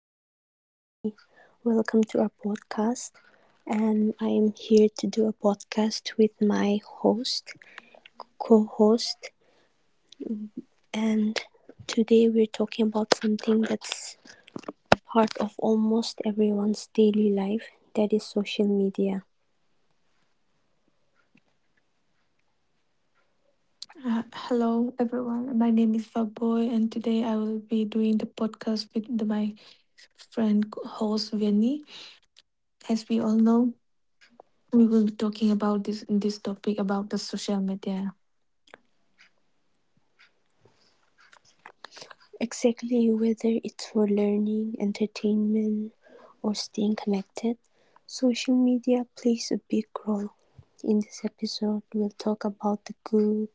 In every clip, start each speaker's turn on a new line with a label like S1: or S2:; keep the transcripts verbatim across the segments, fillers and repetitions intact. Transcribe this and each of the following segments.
S1: this is Vianney. Welcome to our podcast, and I'm here to do a podcast with my host, co-host, and today we're talking about something that's a part of almost everyone's daily life, that is social media.
S2: Uh, hello, everyone. My name is Faboy, and today I will be doing the podcast with the- my friend co- host Vinny. As we all know, we will be talking about this this topic about the social media.
S1: Exactly, whether it's for learning, entertainment, or staying connected, social media plays a big role. In this episode, we'll talk about the good,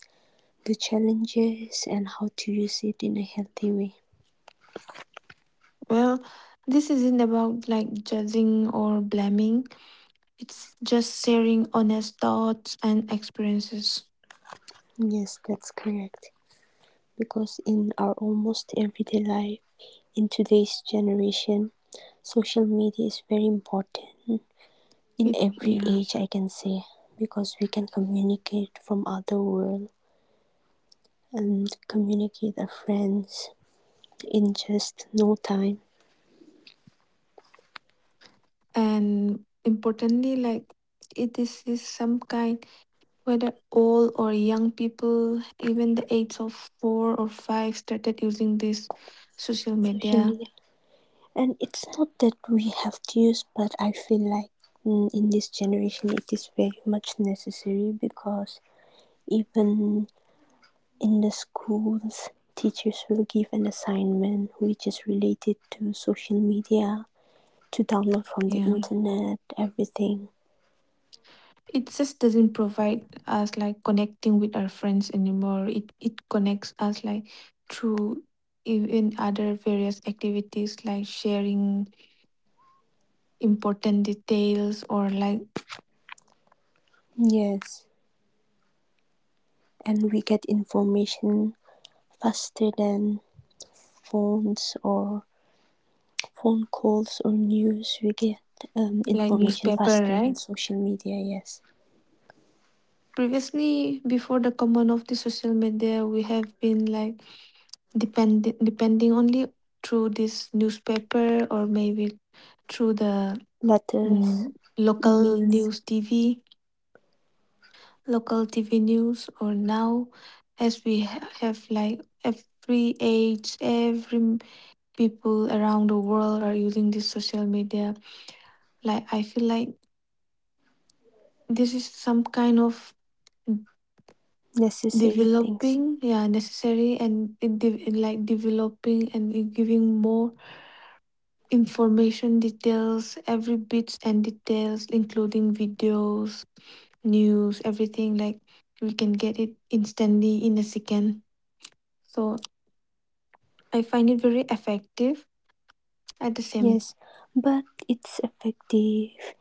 S1: the challenges and how to use it in a healthy way.
S2: Well, this isn't about like judging or blaming. It's just sharing honest thoughts and experiences.
S1: Yes, that's correct. Because in our almost everyday life, in today's generation, social media is very important in
S2: It,
S1: every
S2: yeah,
S1: age, I can say, because we can communicate from other world and communicate our friends in just no time.
S2: and importantly, like it is is some kind. Whether old or young people, even the age of four or five, started using this social
S1: Social
S2: media.
S1: media, and it's not that we have to use, but I feel like mm, in this generation it is very much necessary because even in the schools, teachers will give an assignment which is related to social media, to download from the
S2: Yeah,
S1: internet, everything.
S2: it just doesn't provide us like connecting with our friends anymore. It it connects us like through even other various activities like sharing important details or like
S1: Yes, and we get information faster than phones or phone calls or news. We get um,
S2: like
S1: information
S2: newspaper,
S1: faster than
S2: right?
S1: social media, yes.
S2: Previously, before the common of the social media, we have been like depending depending only through this newspaper or maybe through the
S1: Letters,
S2: mm, local
S1: emails,
S2: news T V, local T V news. Or now, as we ha- have like every age, every m- people around the world are using this social media. Like I feel like this is some kind of
S1: necessary things.
S2: developing, yeah, necessary and in, de- in like developing and in giving more information details every bits and details including videos news everything like we can get it instantly in a second, so I find it very effective at the same.
S1: Yes, but it's effective.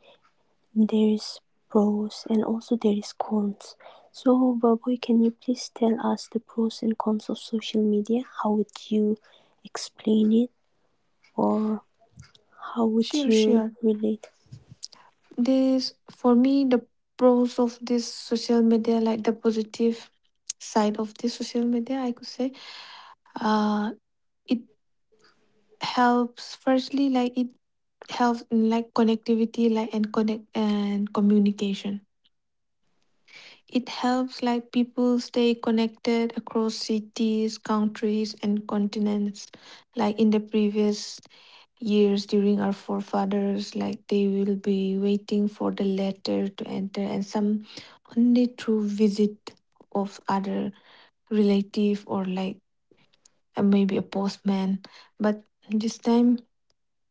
S1: There is pros and also there is cons. So, Baboy, can you please tell us the pros and cons of social media? How would you explain it or how would
S2: Sure,
S1: you
S2: sure,
S1: relate?
S2: this for me, the pros of this social media, like the positive side of this social media, I could say, uh it helps firstly, like it helps in like connectivity like and connect and communication. It helps like people stay connected across cities, countries and continents. Like in the previous years during our forefathers, like they will be waiting for the letter to enter and some only through visit of other relative or like, uh, maybe a postman. But this time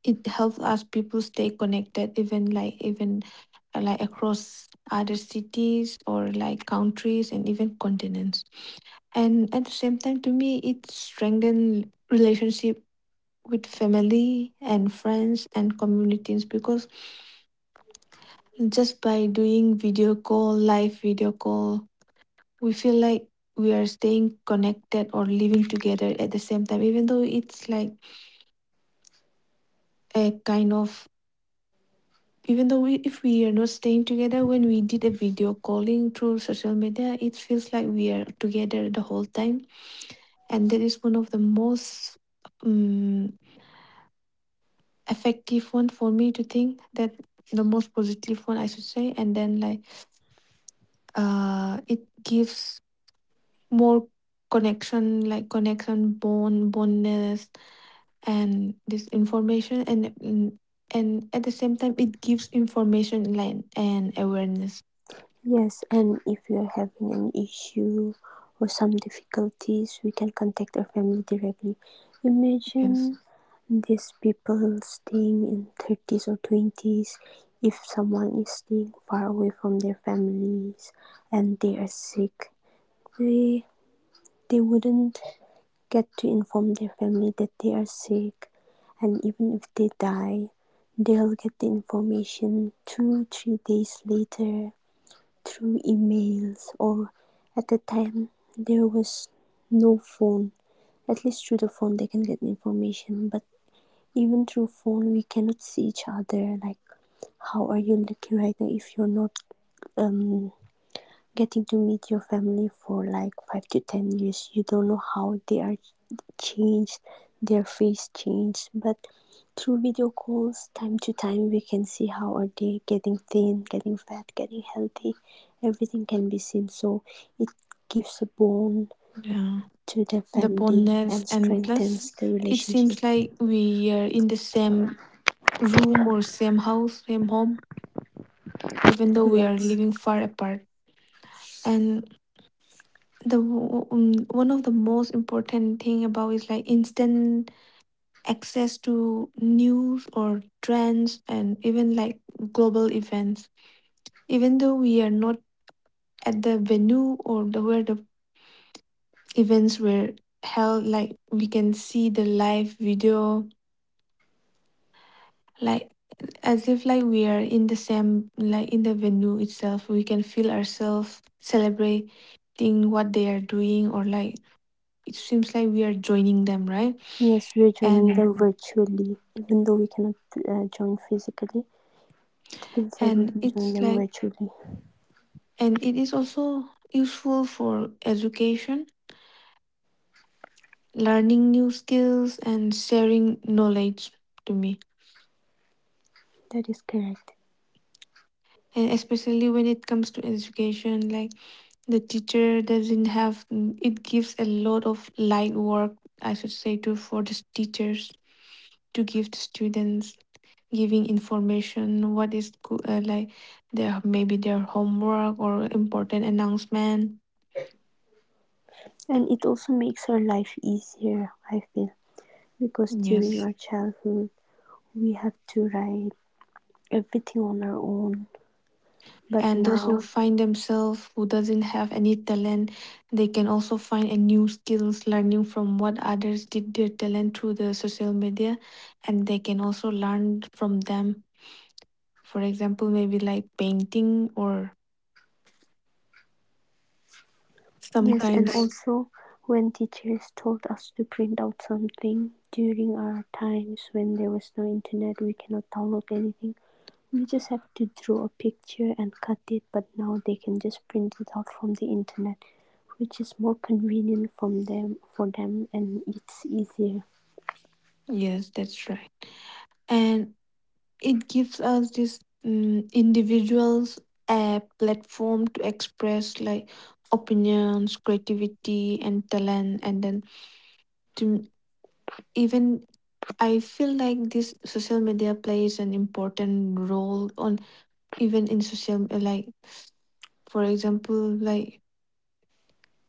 S2: it helps us people stay connected even like even, uh, like across other cities or like countries and even continents. And at the same time, to me, it strengthens relationship with family and friends and communities, because just by doing video call, live video call, we feel like we are staying connected or living together at the same time, even though it's like a kind of, even though we, if we are not staying together, when we did a video calling through social media, it feels like we are together the whole time. And that is one of the most um, effective one, for me, to think that, the most positive one I should say. And then like, uh it gives more connection, like connection, bond, bondness. And this information, and and and at the same time, it gives information like and awareness.
S1: Yes, and if you're having an issue or some difficulties, we can contact our family directly.
S2: Yes,
S1: Imagine these people staying in thirties or twenties. If someone is staying far away from their families and they are sick, they they wouldn't get to inform their family that they are sick, and even if they die they'll get the information two three days later through emails. Or at the time there was no phone. At least through the phone they can get information, but even through phone we cannot see each other. Like, how are you looking right now? If you're not um getting to meet your family for like five to ten years, you don't know how they are changed, their face changed. But through video calls, time to time, we can see how are they getting thin, getting fat, getting healthy. Everything can be seen, so it gives a bond
S2: yeah,
S1: to the
S2: the
S1: family
S2: boldness,
S1: and
S2: and plus,
S1: strengthens the
S2: it
S1: relationship.
S2: seems like we are in the same room or same house, same home, even though we are
S1: Yes,
S2: living far apart. And the w- um, one of the most important thing about is like instant access to news or trends and even like global events. Even though we are not at the venue or the where the events were held, like we can see the live video, like as if like we are in the same, like in the venue itself, we can feel ourselves celebrating what they are doing, or like it seems like we are joining them, right?
S1: yes, we're joining them
S2: and
S1: virtually even though we cannot uh, join physically. It feels like we
S2: and
S1: can join
S2: it's
S1: them
S2: like,
S1: virtually.
S2: and it is also useful for education, learning new skills and sharing knowledge, to me.
S1: That is correct,
S2: And especially when it comes to education, like the teacher doesn't have, mm, it gives a lot of light work, I should say, to, for the teachers to give the students, giving information what is good, uh, like their maybe their homework or important announcement.
S1: and it also makes our life easier, I feel, because during
S2: Yes,
S1: our childhood we have to write everything on our own, but
S2: and those who
S1: now.
S2: find themselves who doesn't have any talent, they can also find a new skills learning from what others did, their talent through the social media, and they can also learn from them. For example, maybe like painting or some
S1: Yes, and
S2: kinds.
S1: also when teachers told us to print out something during our times when there was no internet, we cannot download anything. We just have to draw a picture and cut it, but now they can just print it out from the internet, which is more convenient from them, for them, and it's easier.
S2: Yes, that's right. And it gives us this um, individuals a platform to express like opinions, creativity, and talent. And then to, even, I feel like this social media plays an important role on even in social, like for example like,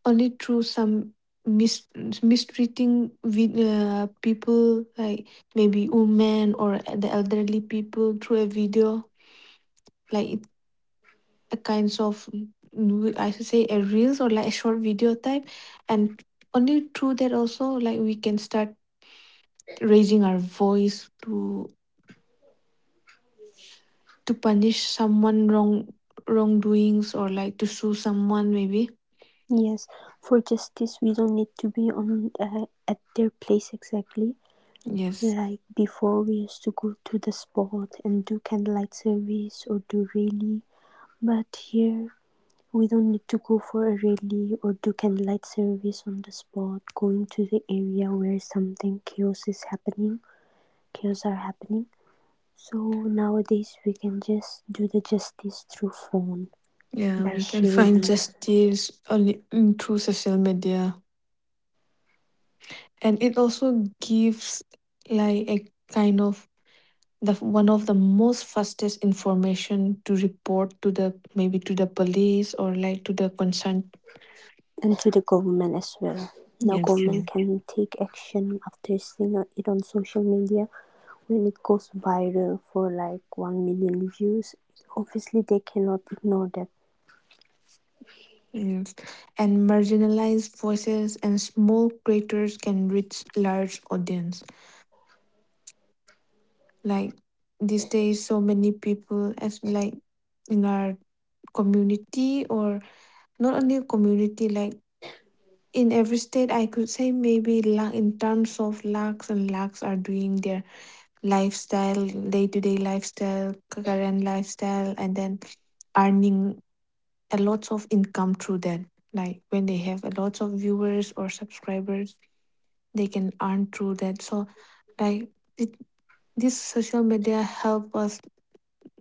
S2: only through some mis- mistreating with uh, people like maybe women or the elderly people, through a video like it, a kinds of, mm, I should say a reels or like a short video type. And only through that also, like we can start raising our voice to to punish someone wrong, wrongdoings or like to sue someone, maybe.
S1: Yes, for justice, we don't need to be on uh, at their place exactly.
S2: Yes,
S1: Like before, we used to go to the spot and do candlelight service or do rally. But here, we don't need to go for a rally or do candlelight service on the spot. Going to the area where something chaos is happening, chaos are happening. So nowadays, we can just do the justice through phone
S2: yeah,
S1: by
S2: we can find
S1: sharing,
S2: justice only, mm, through social media. And it also gives like a kind of the one of the most fastest information to report to the, maybe to the police or like to the concerned.
S1: and to the government as well. Now
S2: Yes,
S1: government
S2: yes,
S1: can take action after seeing it on social media when it goes viral for like one million views. Obviously they cannot ignore that.
S2: yes. And marginalized voices and small creators can reach large audience, like these days so many people as like in our community or not only community, like in every state, I could say, maybe la- in terms of lakhs and lakhs are doing their lifestyle, day-to-day lifestyle, current lifestyle, and then earning a lot of income through that, like when they have a lot of viewers or subscribers, they can earn through that. So like, it, this social media help us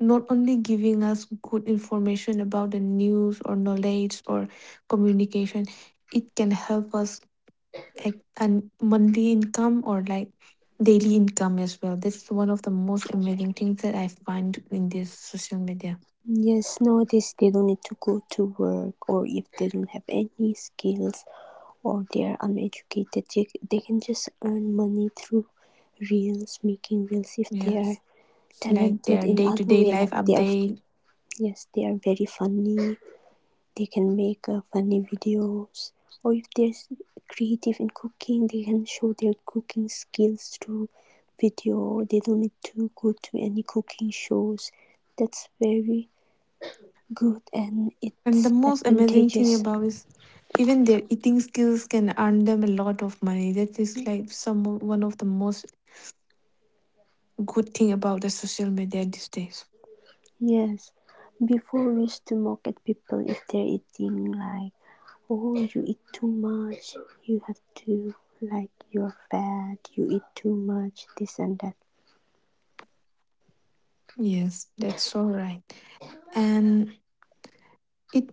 S2: not only giving us good information about the news or knowledge or communication, it can help us like and monthly income or like daily income as well. That's one of the most amazing things that I find in this social media.
S1: Yes, nowadays they don't need to go to work, or if they don't have any skills or they are uneducated, they, they can just earn money through reels, making reels if they are
S2: Yes, like
S1: talented
S2: their
S1: in
S2: day to
S1: other
S2: day
S1: way,
S2: life
S1: like they are.
S2: update.
S1: Yes, they are very funny, they can make uh, funny videos, or if they're creative in cooking they can show their cooking skills through video. They don't need to go to any cooking shows. That's very good, and
S2: And the
S1: it's
S2: most amazing thing
S1: advantageous.
S2: about is even their eating skills can earn them a lot of money. That is like some one of the most good thing about the social media these days.
S1: Yes, before we used to mock at people if they're eating, like, oh, you eat too much, you have to, like, you're fat, you eat too much, this and that.
S2: Yes, that's so right. And it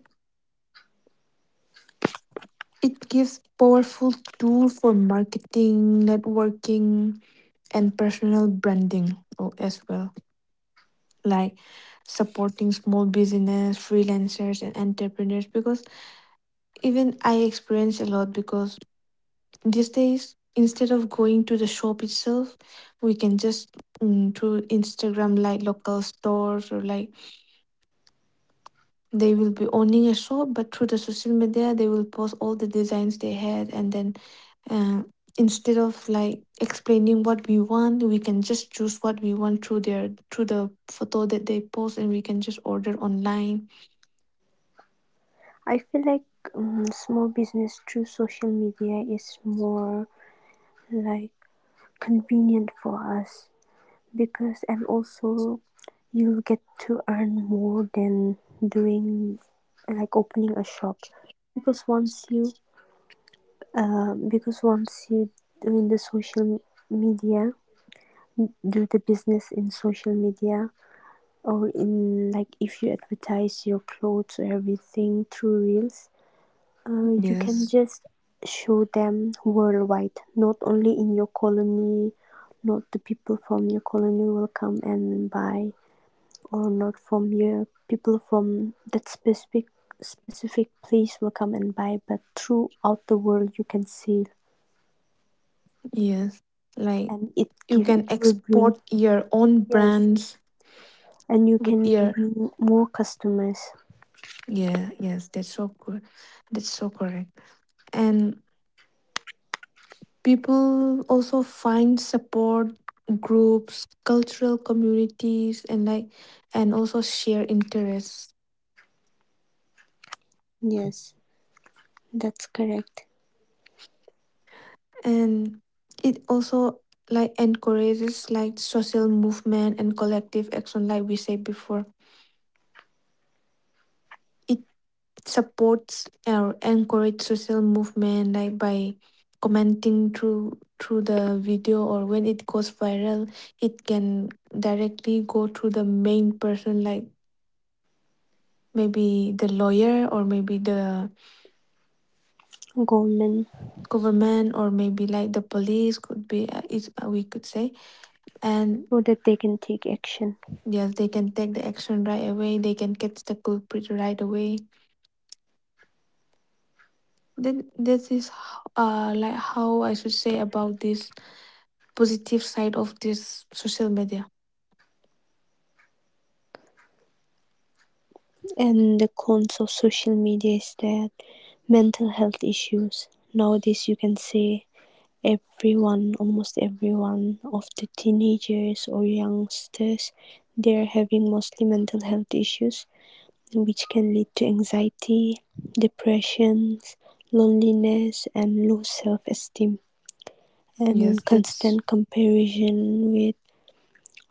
S2: it gives powerful tool for marketing, networking, and personal branding o- as well, like supporting small business, freelancers and entrepreneurs, because even I experience a lot, because these days instead of going to the shop itself, we can just, mm, through Instagram, like local stores or like, they will be owning a shop but through the social media they will post all the designs they had, and then, uh, instead of like explaining what we want, we can just choose what we want through their through the photo that they post and we can just order online.
S1: I feel like um, small business through social media is more, like, convenient for us, because and also you'll get to earn more than doing, like, opening a shop. Because once you, uh, because once you doing the social media, do the business in social media, or in, like, if you advertise your clothes or everything through reels, uh, you can
S2: Yes,
S1: just show them worldwide, not only in your colony, not the people from your colony will come and buy, or not from your people from that specific specific place will come and buy, but throughout the world you can sell,
S2: yes, like
S1: and it
S2: you
S1: give it
S2: can
S1: will bring.
S2: export your own
S1: Yes,
S2: brands
S1: and you
S2: with
S1: can
S2: your,
S1: bring more customers.
S2: yeah, yes, that's so good, that's so correct. And people also find support groups, cultural communities and like, and also share interests.
S1: Yes, that's correct.
S2: And it also like encourages like social movement and collective action, like we said before, it supports or encourage social movement, like by commenting through through the video, or when it goes viral, it can directly go to the main person, like maybe the lawyer or maybe the
S1: Government,
S2: government, or maybe like the police could be, uh, is, uh, we could say. And
S1: so that they can take action.
S2: yes, they can take the action right away, they can catch the culprit right away. Then this is h- uh like how I should say about this positive side of this social media.
S1: And the cons of social media is that mental health issues. Nowadays, you can say everyone, almost everyone of the teenagers or youngsters, they're having mostly mental health issues, which can lead to anxiety, depressions, loneliness, and low self esteem. And
S2: Yes, that's,
S1: constant comparison with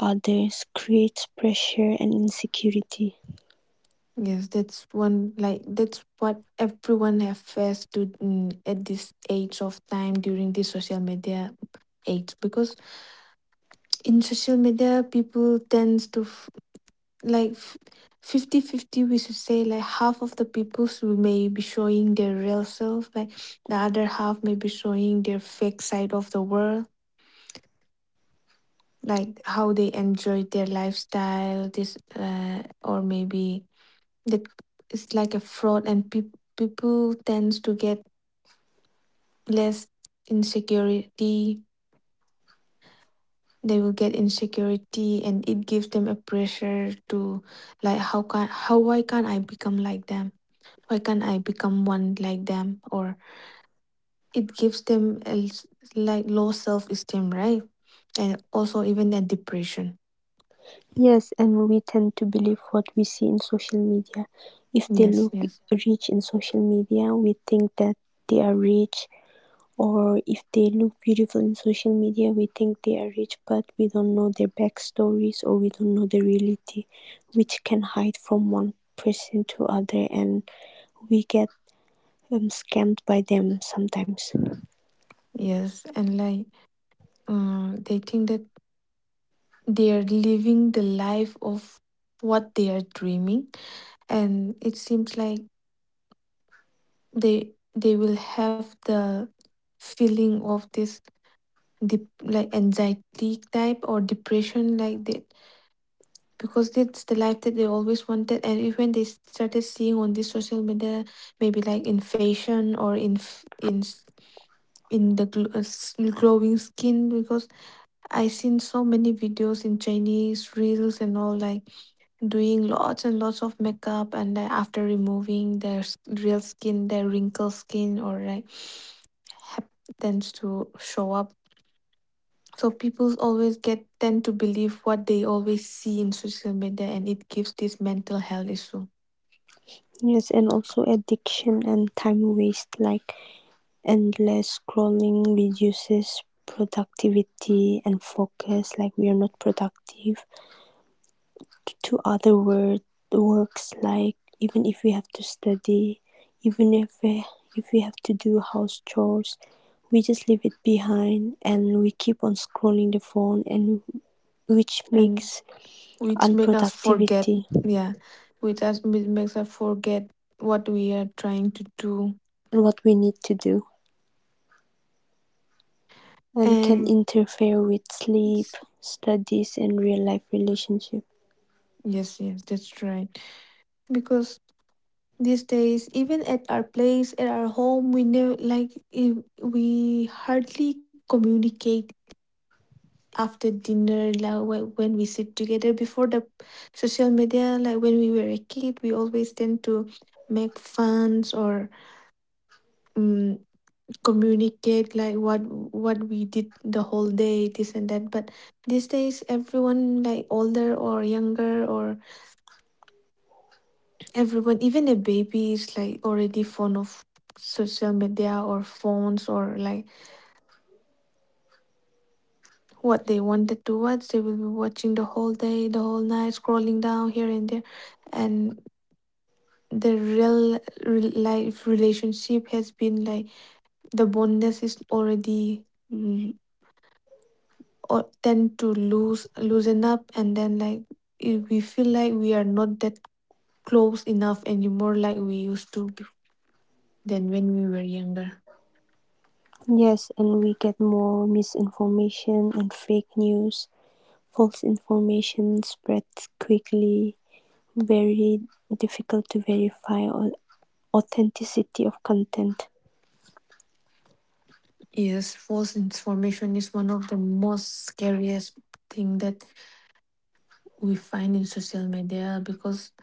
S1: others creates pressure and insecurity.
S2: yes, that's one, like that's what everyone have faced to, mm, at this age of time during this social media age, because in social media people tends to f- like f- 50 fifty, we should say, like half of the people should may be showing their real self, like the other half may be showing their fake side of the world, like how they enjoy their lifestyle, this, uh, or maybe that, it's like a fraud. And peop people tends to get less insecurity, they will get insecurity, and it gives them a pressure to, like how can, how, why can't I become like them, why can't I become one like them, or it gives them a s- like low self-esteem, right? And also even a depression.
S1: Yes, and we tend to believe what we see in social media. If they
S2: Yes,
S1: look
S2: yes,
S1: rich in social media, we think that they are rich, or if they look beautiful in social media, we think they are rich, but we don't know their backstories or we don't know the reality, which can hide from one person to other, and we get um, scammed by them sometimes.
S2: yes. And like, uh, they think that they are living the life of what they are dreaming, and it seems like they they will have the feeling of this dep, like anxiety type or depression like that, because that's the life that they always wanted, and even they started seeing on this social media, maybe like in fashion or in f- in s- in the gl- uh, s- glowing skin, because I seen so many videos in Chinese reels and all, like doing lots and lots of makeup, and then after removing their s- real skin, their wrinkled skin or like, happens to show up. So people always get tend to believe what they always see in social media, and it gives this mental health issue.
S1: Yes, and also addiction and time waste. Like, endless scrolling reduces productivity and focus, like we are not productive to other word, works, like even if we have to study, even if we, if we have to do house chores, we just leave it behind and we keep on scrolling the phone, and which
S2: And
S1: makes
S2: which make us forget.
S1: unproductivity,
S2: Yeah, which us which makes us forget what we are trying to do.
S1: and what we need to do, and can
S2: And
S1: interfere with
S2: it's...
S1: sleep, studies and real life relationships.
S2: Yes, yes, that's right. Because these days, even at our place, at our home, we never like eh, we hardly communicate after dinner, like whe- when we sit together before the social media. Like when we were a kid, we always tend to make funs or um, communicate like what what we did the whole day, this and that. But these days, everyone, like older or younger, or everyone, even a baby, is like already fond of social media or phones or like what they wanted to watch. They will be watching the whole day, the whole night, scrolling down here and there. And the real, real life relationship has been like the bondness is already, mm, or tend to lose loosen up, and then like i- we feel like we are not that close enough anymore like we used to be, than when we were younger.
S1: Yes, and we get more misinformation and fake news. False information spreads quickly, very difficult to verify or authenticity of content.
S2: Yes, false information is one of the most scariest thing that we find in social media, because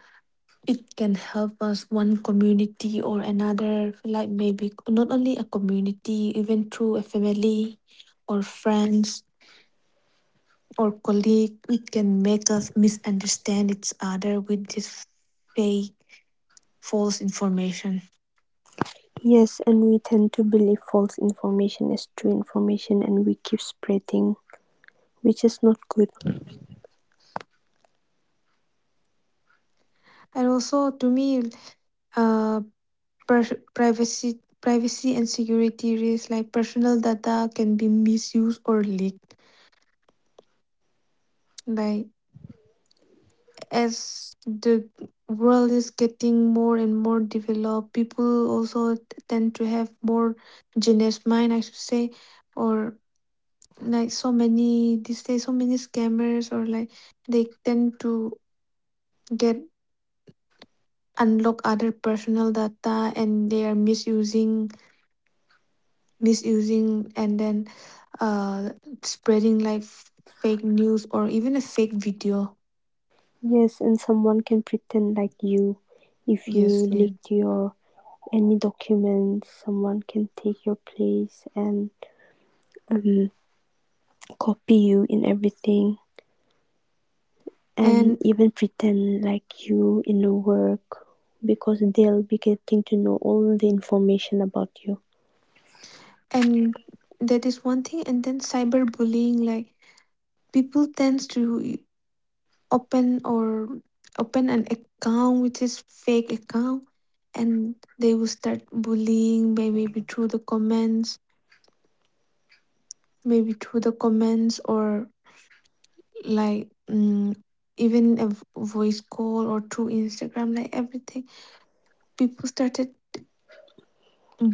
S2: it can help us one community or another, like maybe not only a community, even through a family or friends or colleague, it can make us misunderstand each other with this fake false information.
S1: Yes, and we tend to believe false information as true information and we keep spreading, which is not good.
S2: And also to me, uh pers- privacy privacy and security risks, like personal data can be misused or leaked, like as the world is getting more and more developed, people also t- tend to have more genius mind, I should say, or like so many these days, so many scammers, or like they tend to get unlock other personal data, and they are misusing misusing and then uh spreading like f- fake news or even a fake video.
S1: Yes, and someone can pretend like you. If you
S2: Yes, yeah,
S1: leaked your any documents, someone can take your place and um, copy you in everything, and
S2: and
S1: even pretend like you in the work, because they'll be getting to know all the information about you.
S2: and that is one thing. And then cyberbullying, like people tends to open or open an account which is fake account, and they will start bullying by maybe through the comments maybe through the comments, or like mm, even a v- voice call or through Instagram, like everything. People started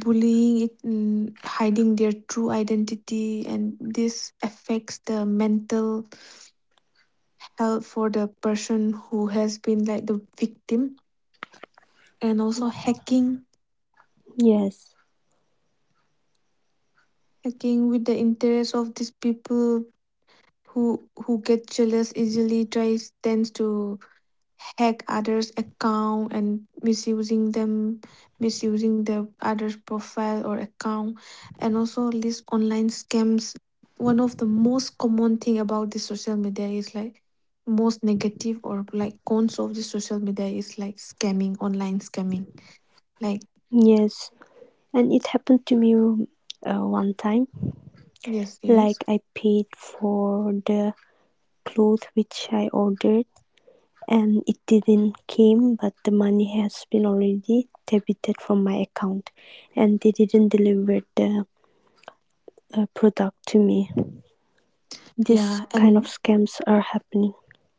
S2: bullying it, mm, hiding their true identity, and this affects the mental health for the person who has been like the victim. And also hacking,
S1: Yes,
S2: hacking with the interest of these people who who get jealous easily, tries tends to hack others' account and misusing them, misusing the others' profile or account. And also these online scams. One of the most common thing about the social media is like most negative or like cons of the social media is like scamming, online scamming. Like
S1: yes, and it happened to me uh, one time.
S2: yes, yes,
S1: Like, I paid for the clothes which I ordered, and it didn't came, but the money has been already debited from my account, and they didn't deliver the uh, product to me. This
S2: yeah,
S1: kind of
S2: and
S1: scams are happening.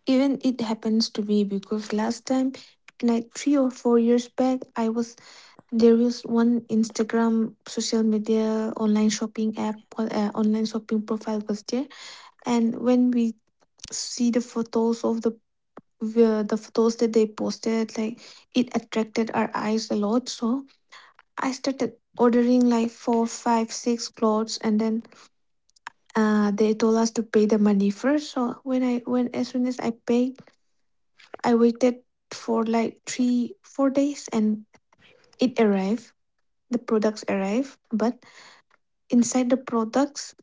S2: even it happens to me, because last time, like three or four years back, I was... There is one Instagram social media online shopping app, or uh, online shopping profile was there, and when we see the photos of the the the photos that they posted, like it attracted our eyes a lot. So I started ordering like four, five, six clothes, and then uh, they told us to pay the money first. So when I when as soon as I paid, I waited for like three, four days, and it arrived. The products arrived, but inside the products,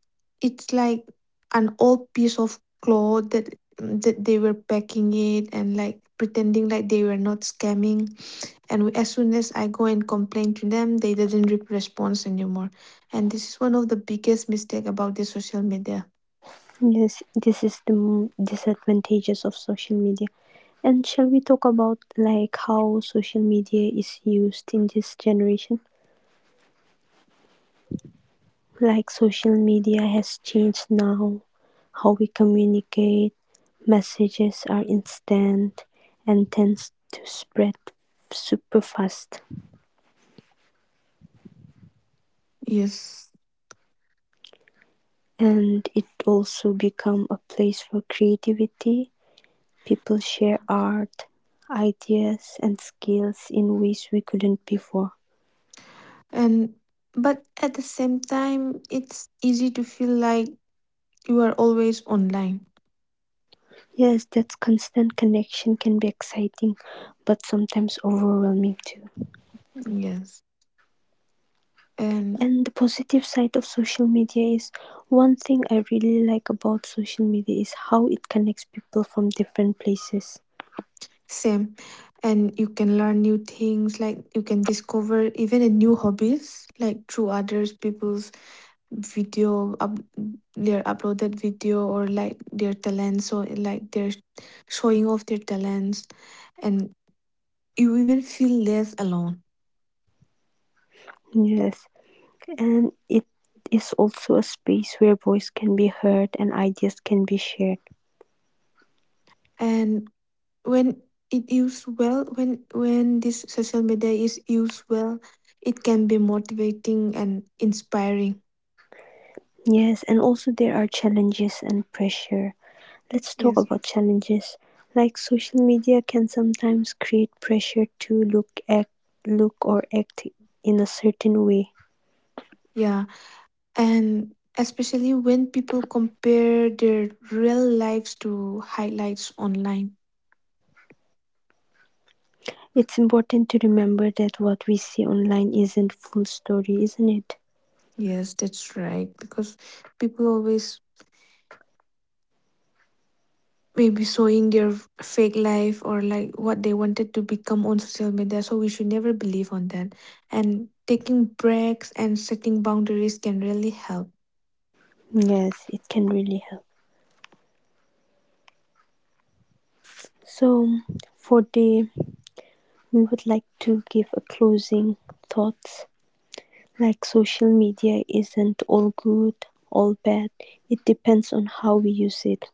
S2: it's like an old piece of cloth that that they were packing it and like pretending like they were not scamming. And as soon as I go and complain to them, they doesn't re- respond anymore. And this is one of the biggest mistake about the social media.
S1: Yes, this is the m- disadvantages of social media. And shall we talk about like how social media is used in this generation? Like, social media has changed now how we communicate, messages are instant and tends to spread super fast.
S2: Yes.
S1: And it also become a place for creativity. People share art, ideas and skills in ways we couldn't before.
S2: And but at the same time, it's easy to feel like you are always online.
S1: Yes, that constant connection can be exciting, but sometimes overwhelming too.
S2: Yes. And
S1: And the positive side of social media is one thing I really like about social media is how it connects people from different places.
S2: same. And you can learn new things, like you can discover even a new hobbies, like through others people's video, up, their uploaded video, or like their talents, so like they're showing off their talents, and you even feel less alone.
S1: Yes, and it is also a space where voice can be heard and ideas can be shared.
S2: And when it used well, when when this social media is used well, it can be motivating and inspiring.
S1: Yes, and also there are challenges and pressure. Let's talk
S2: Yes.
S1: about challenges. Like, social media can sometimes create pressure to look act, look or act in a certain way.
S2: Yeah. And especially when people compare their real lives to highlights online.
S1: It's important to remember that what we see online isn't full story, isn't it?
S2: Yes, that's right. Because people always maybe showing their fake life or like what they wanted to become on social media. So we should never believe on that. And taking breaks and setting boundaries can really help.
S1: Yes, it can really help. So for the we would like to give a closing thoughts. Like, social media isn't all good, all bad. It depends on how we use it.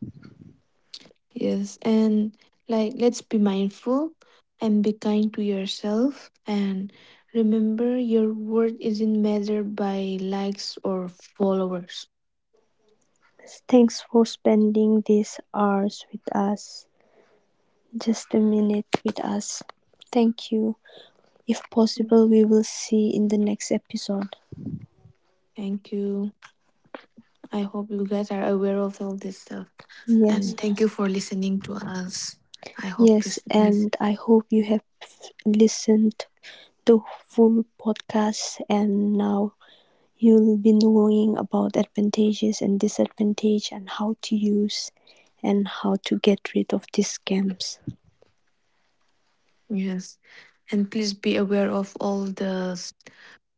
S2: Yes, and like let's be mindful and be kind to yourself, and remember your worth isn't measured by likes or followers.
S1: Thanks for spending these hours with us. Just a minute with us. Thank you. If possible, we will see in the next episode.
S2: Thank you. I hope you guys are aware of all this stuff,
S1: Yes,
S2: and thank you for listening to us. I hope
S1: yes,
S2: this...
S1: and I hope you have listened to full podcast and now you'll be knowing about advantages and disadvantage and how to use and how to get rid of these scams.
S2: Yes. And please be aware of all the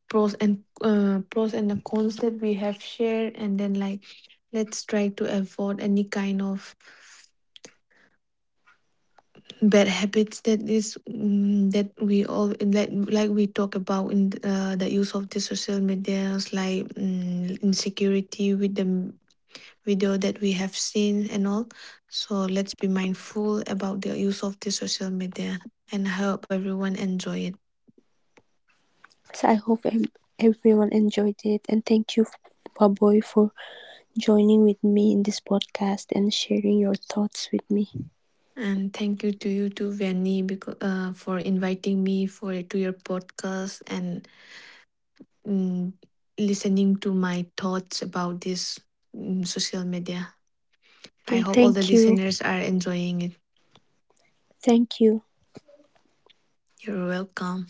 S2: pros and uh, pros and the cons that we have shared, and then like let's try to avoid any kind of bad habits that is, mm, that we all like, like we talk about in uh, the use of the social medias, like mm, insecurity with the m- video that we have seen and all. So let's be mindful about the use of the social media, and I hope everyone enjoy it.
S1: So I hope everyone enjoyed it and thank you, Baboy, for joining with me in this podcast and sharing your thoughts with me.
S2: And thank you to you too, Vanny, because, uh, for inviting me for to your podcast, and mm, listening to my thoughts about this, mm, social media. I
S1: Okay,
S2: hope all the
S1: thank you.
S2: listeners are enjoying it.
S1: Thank you.
S2: You're welcome.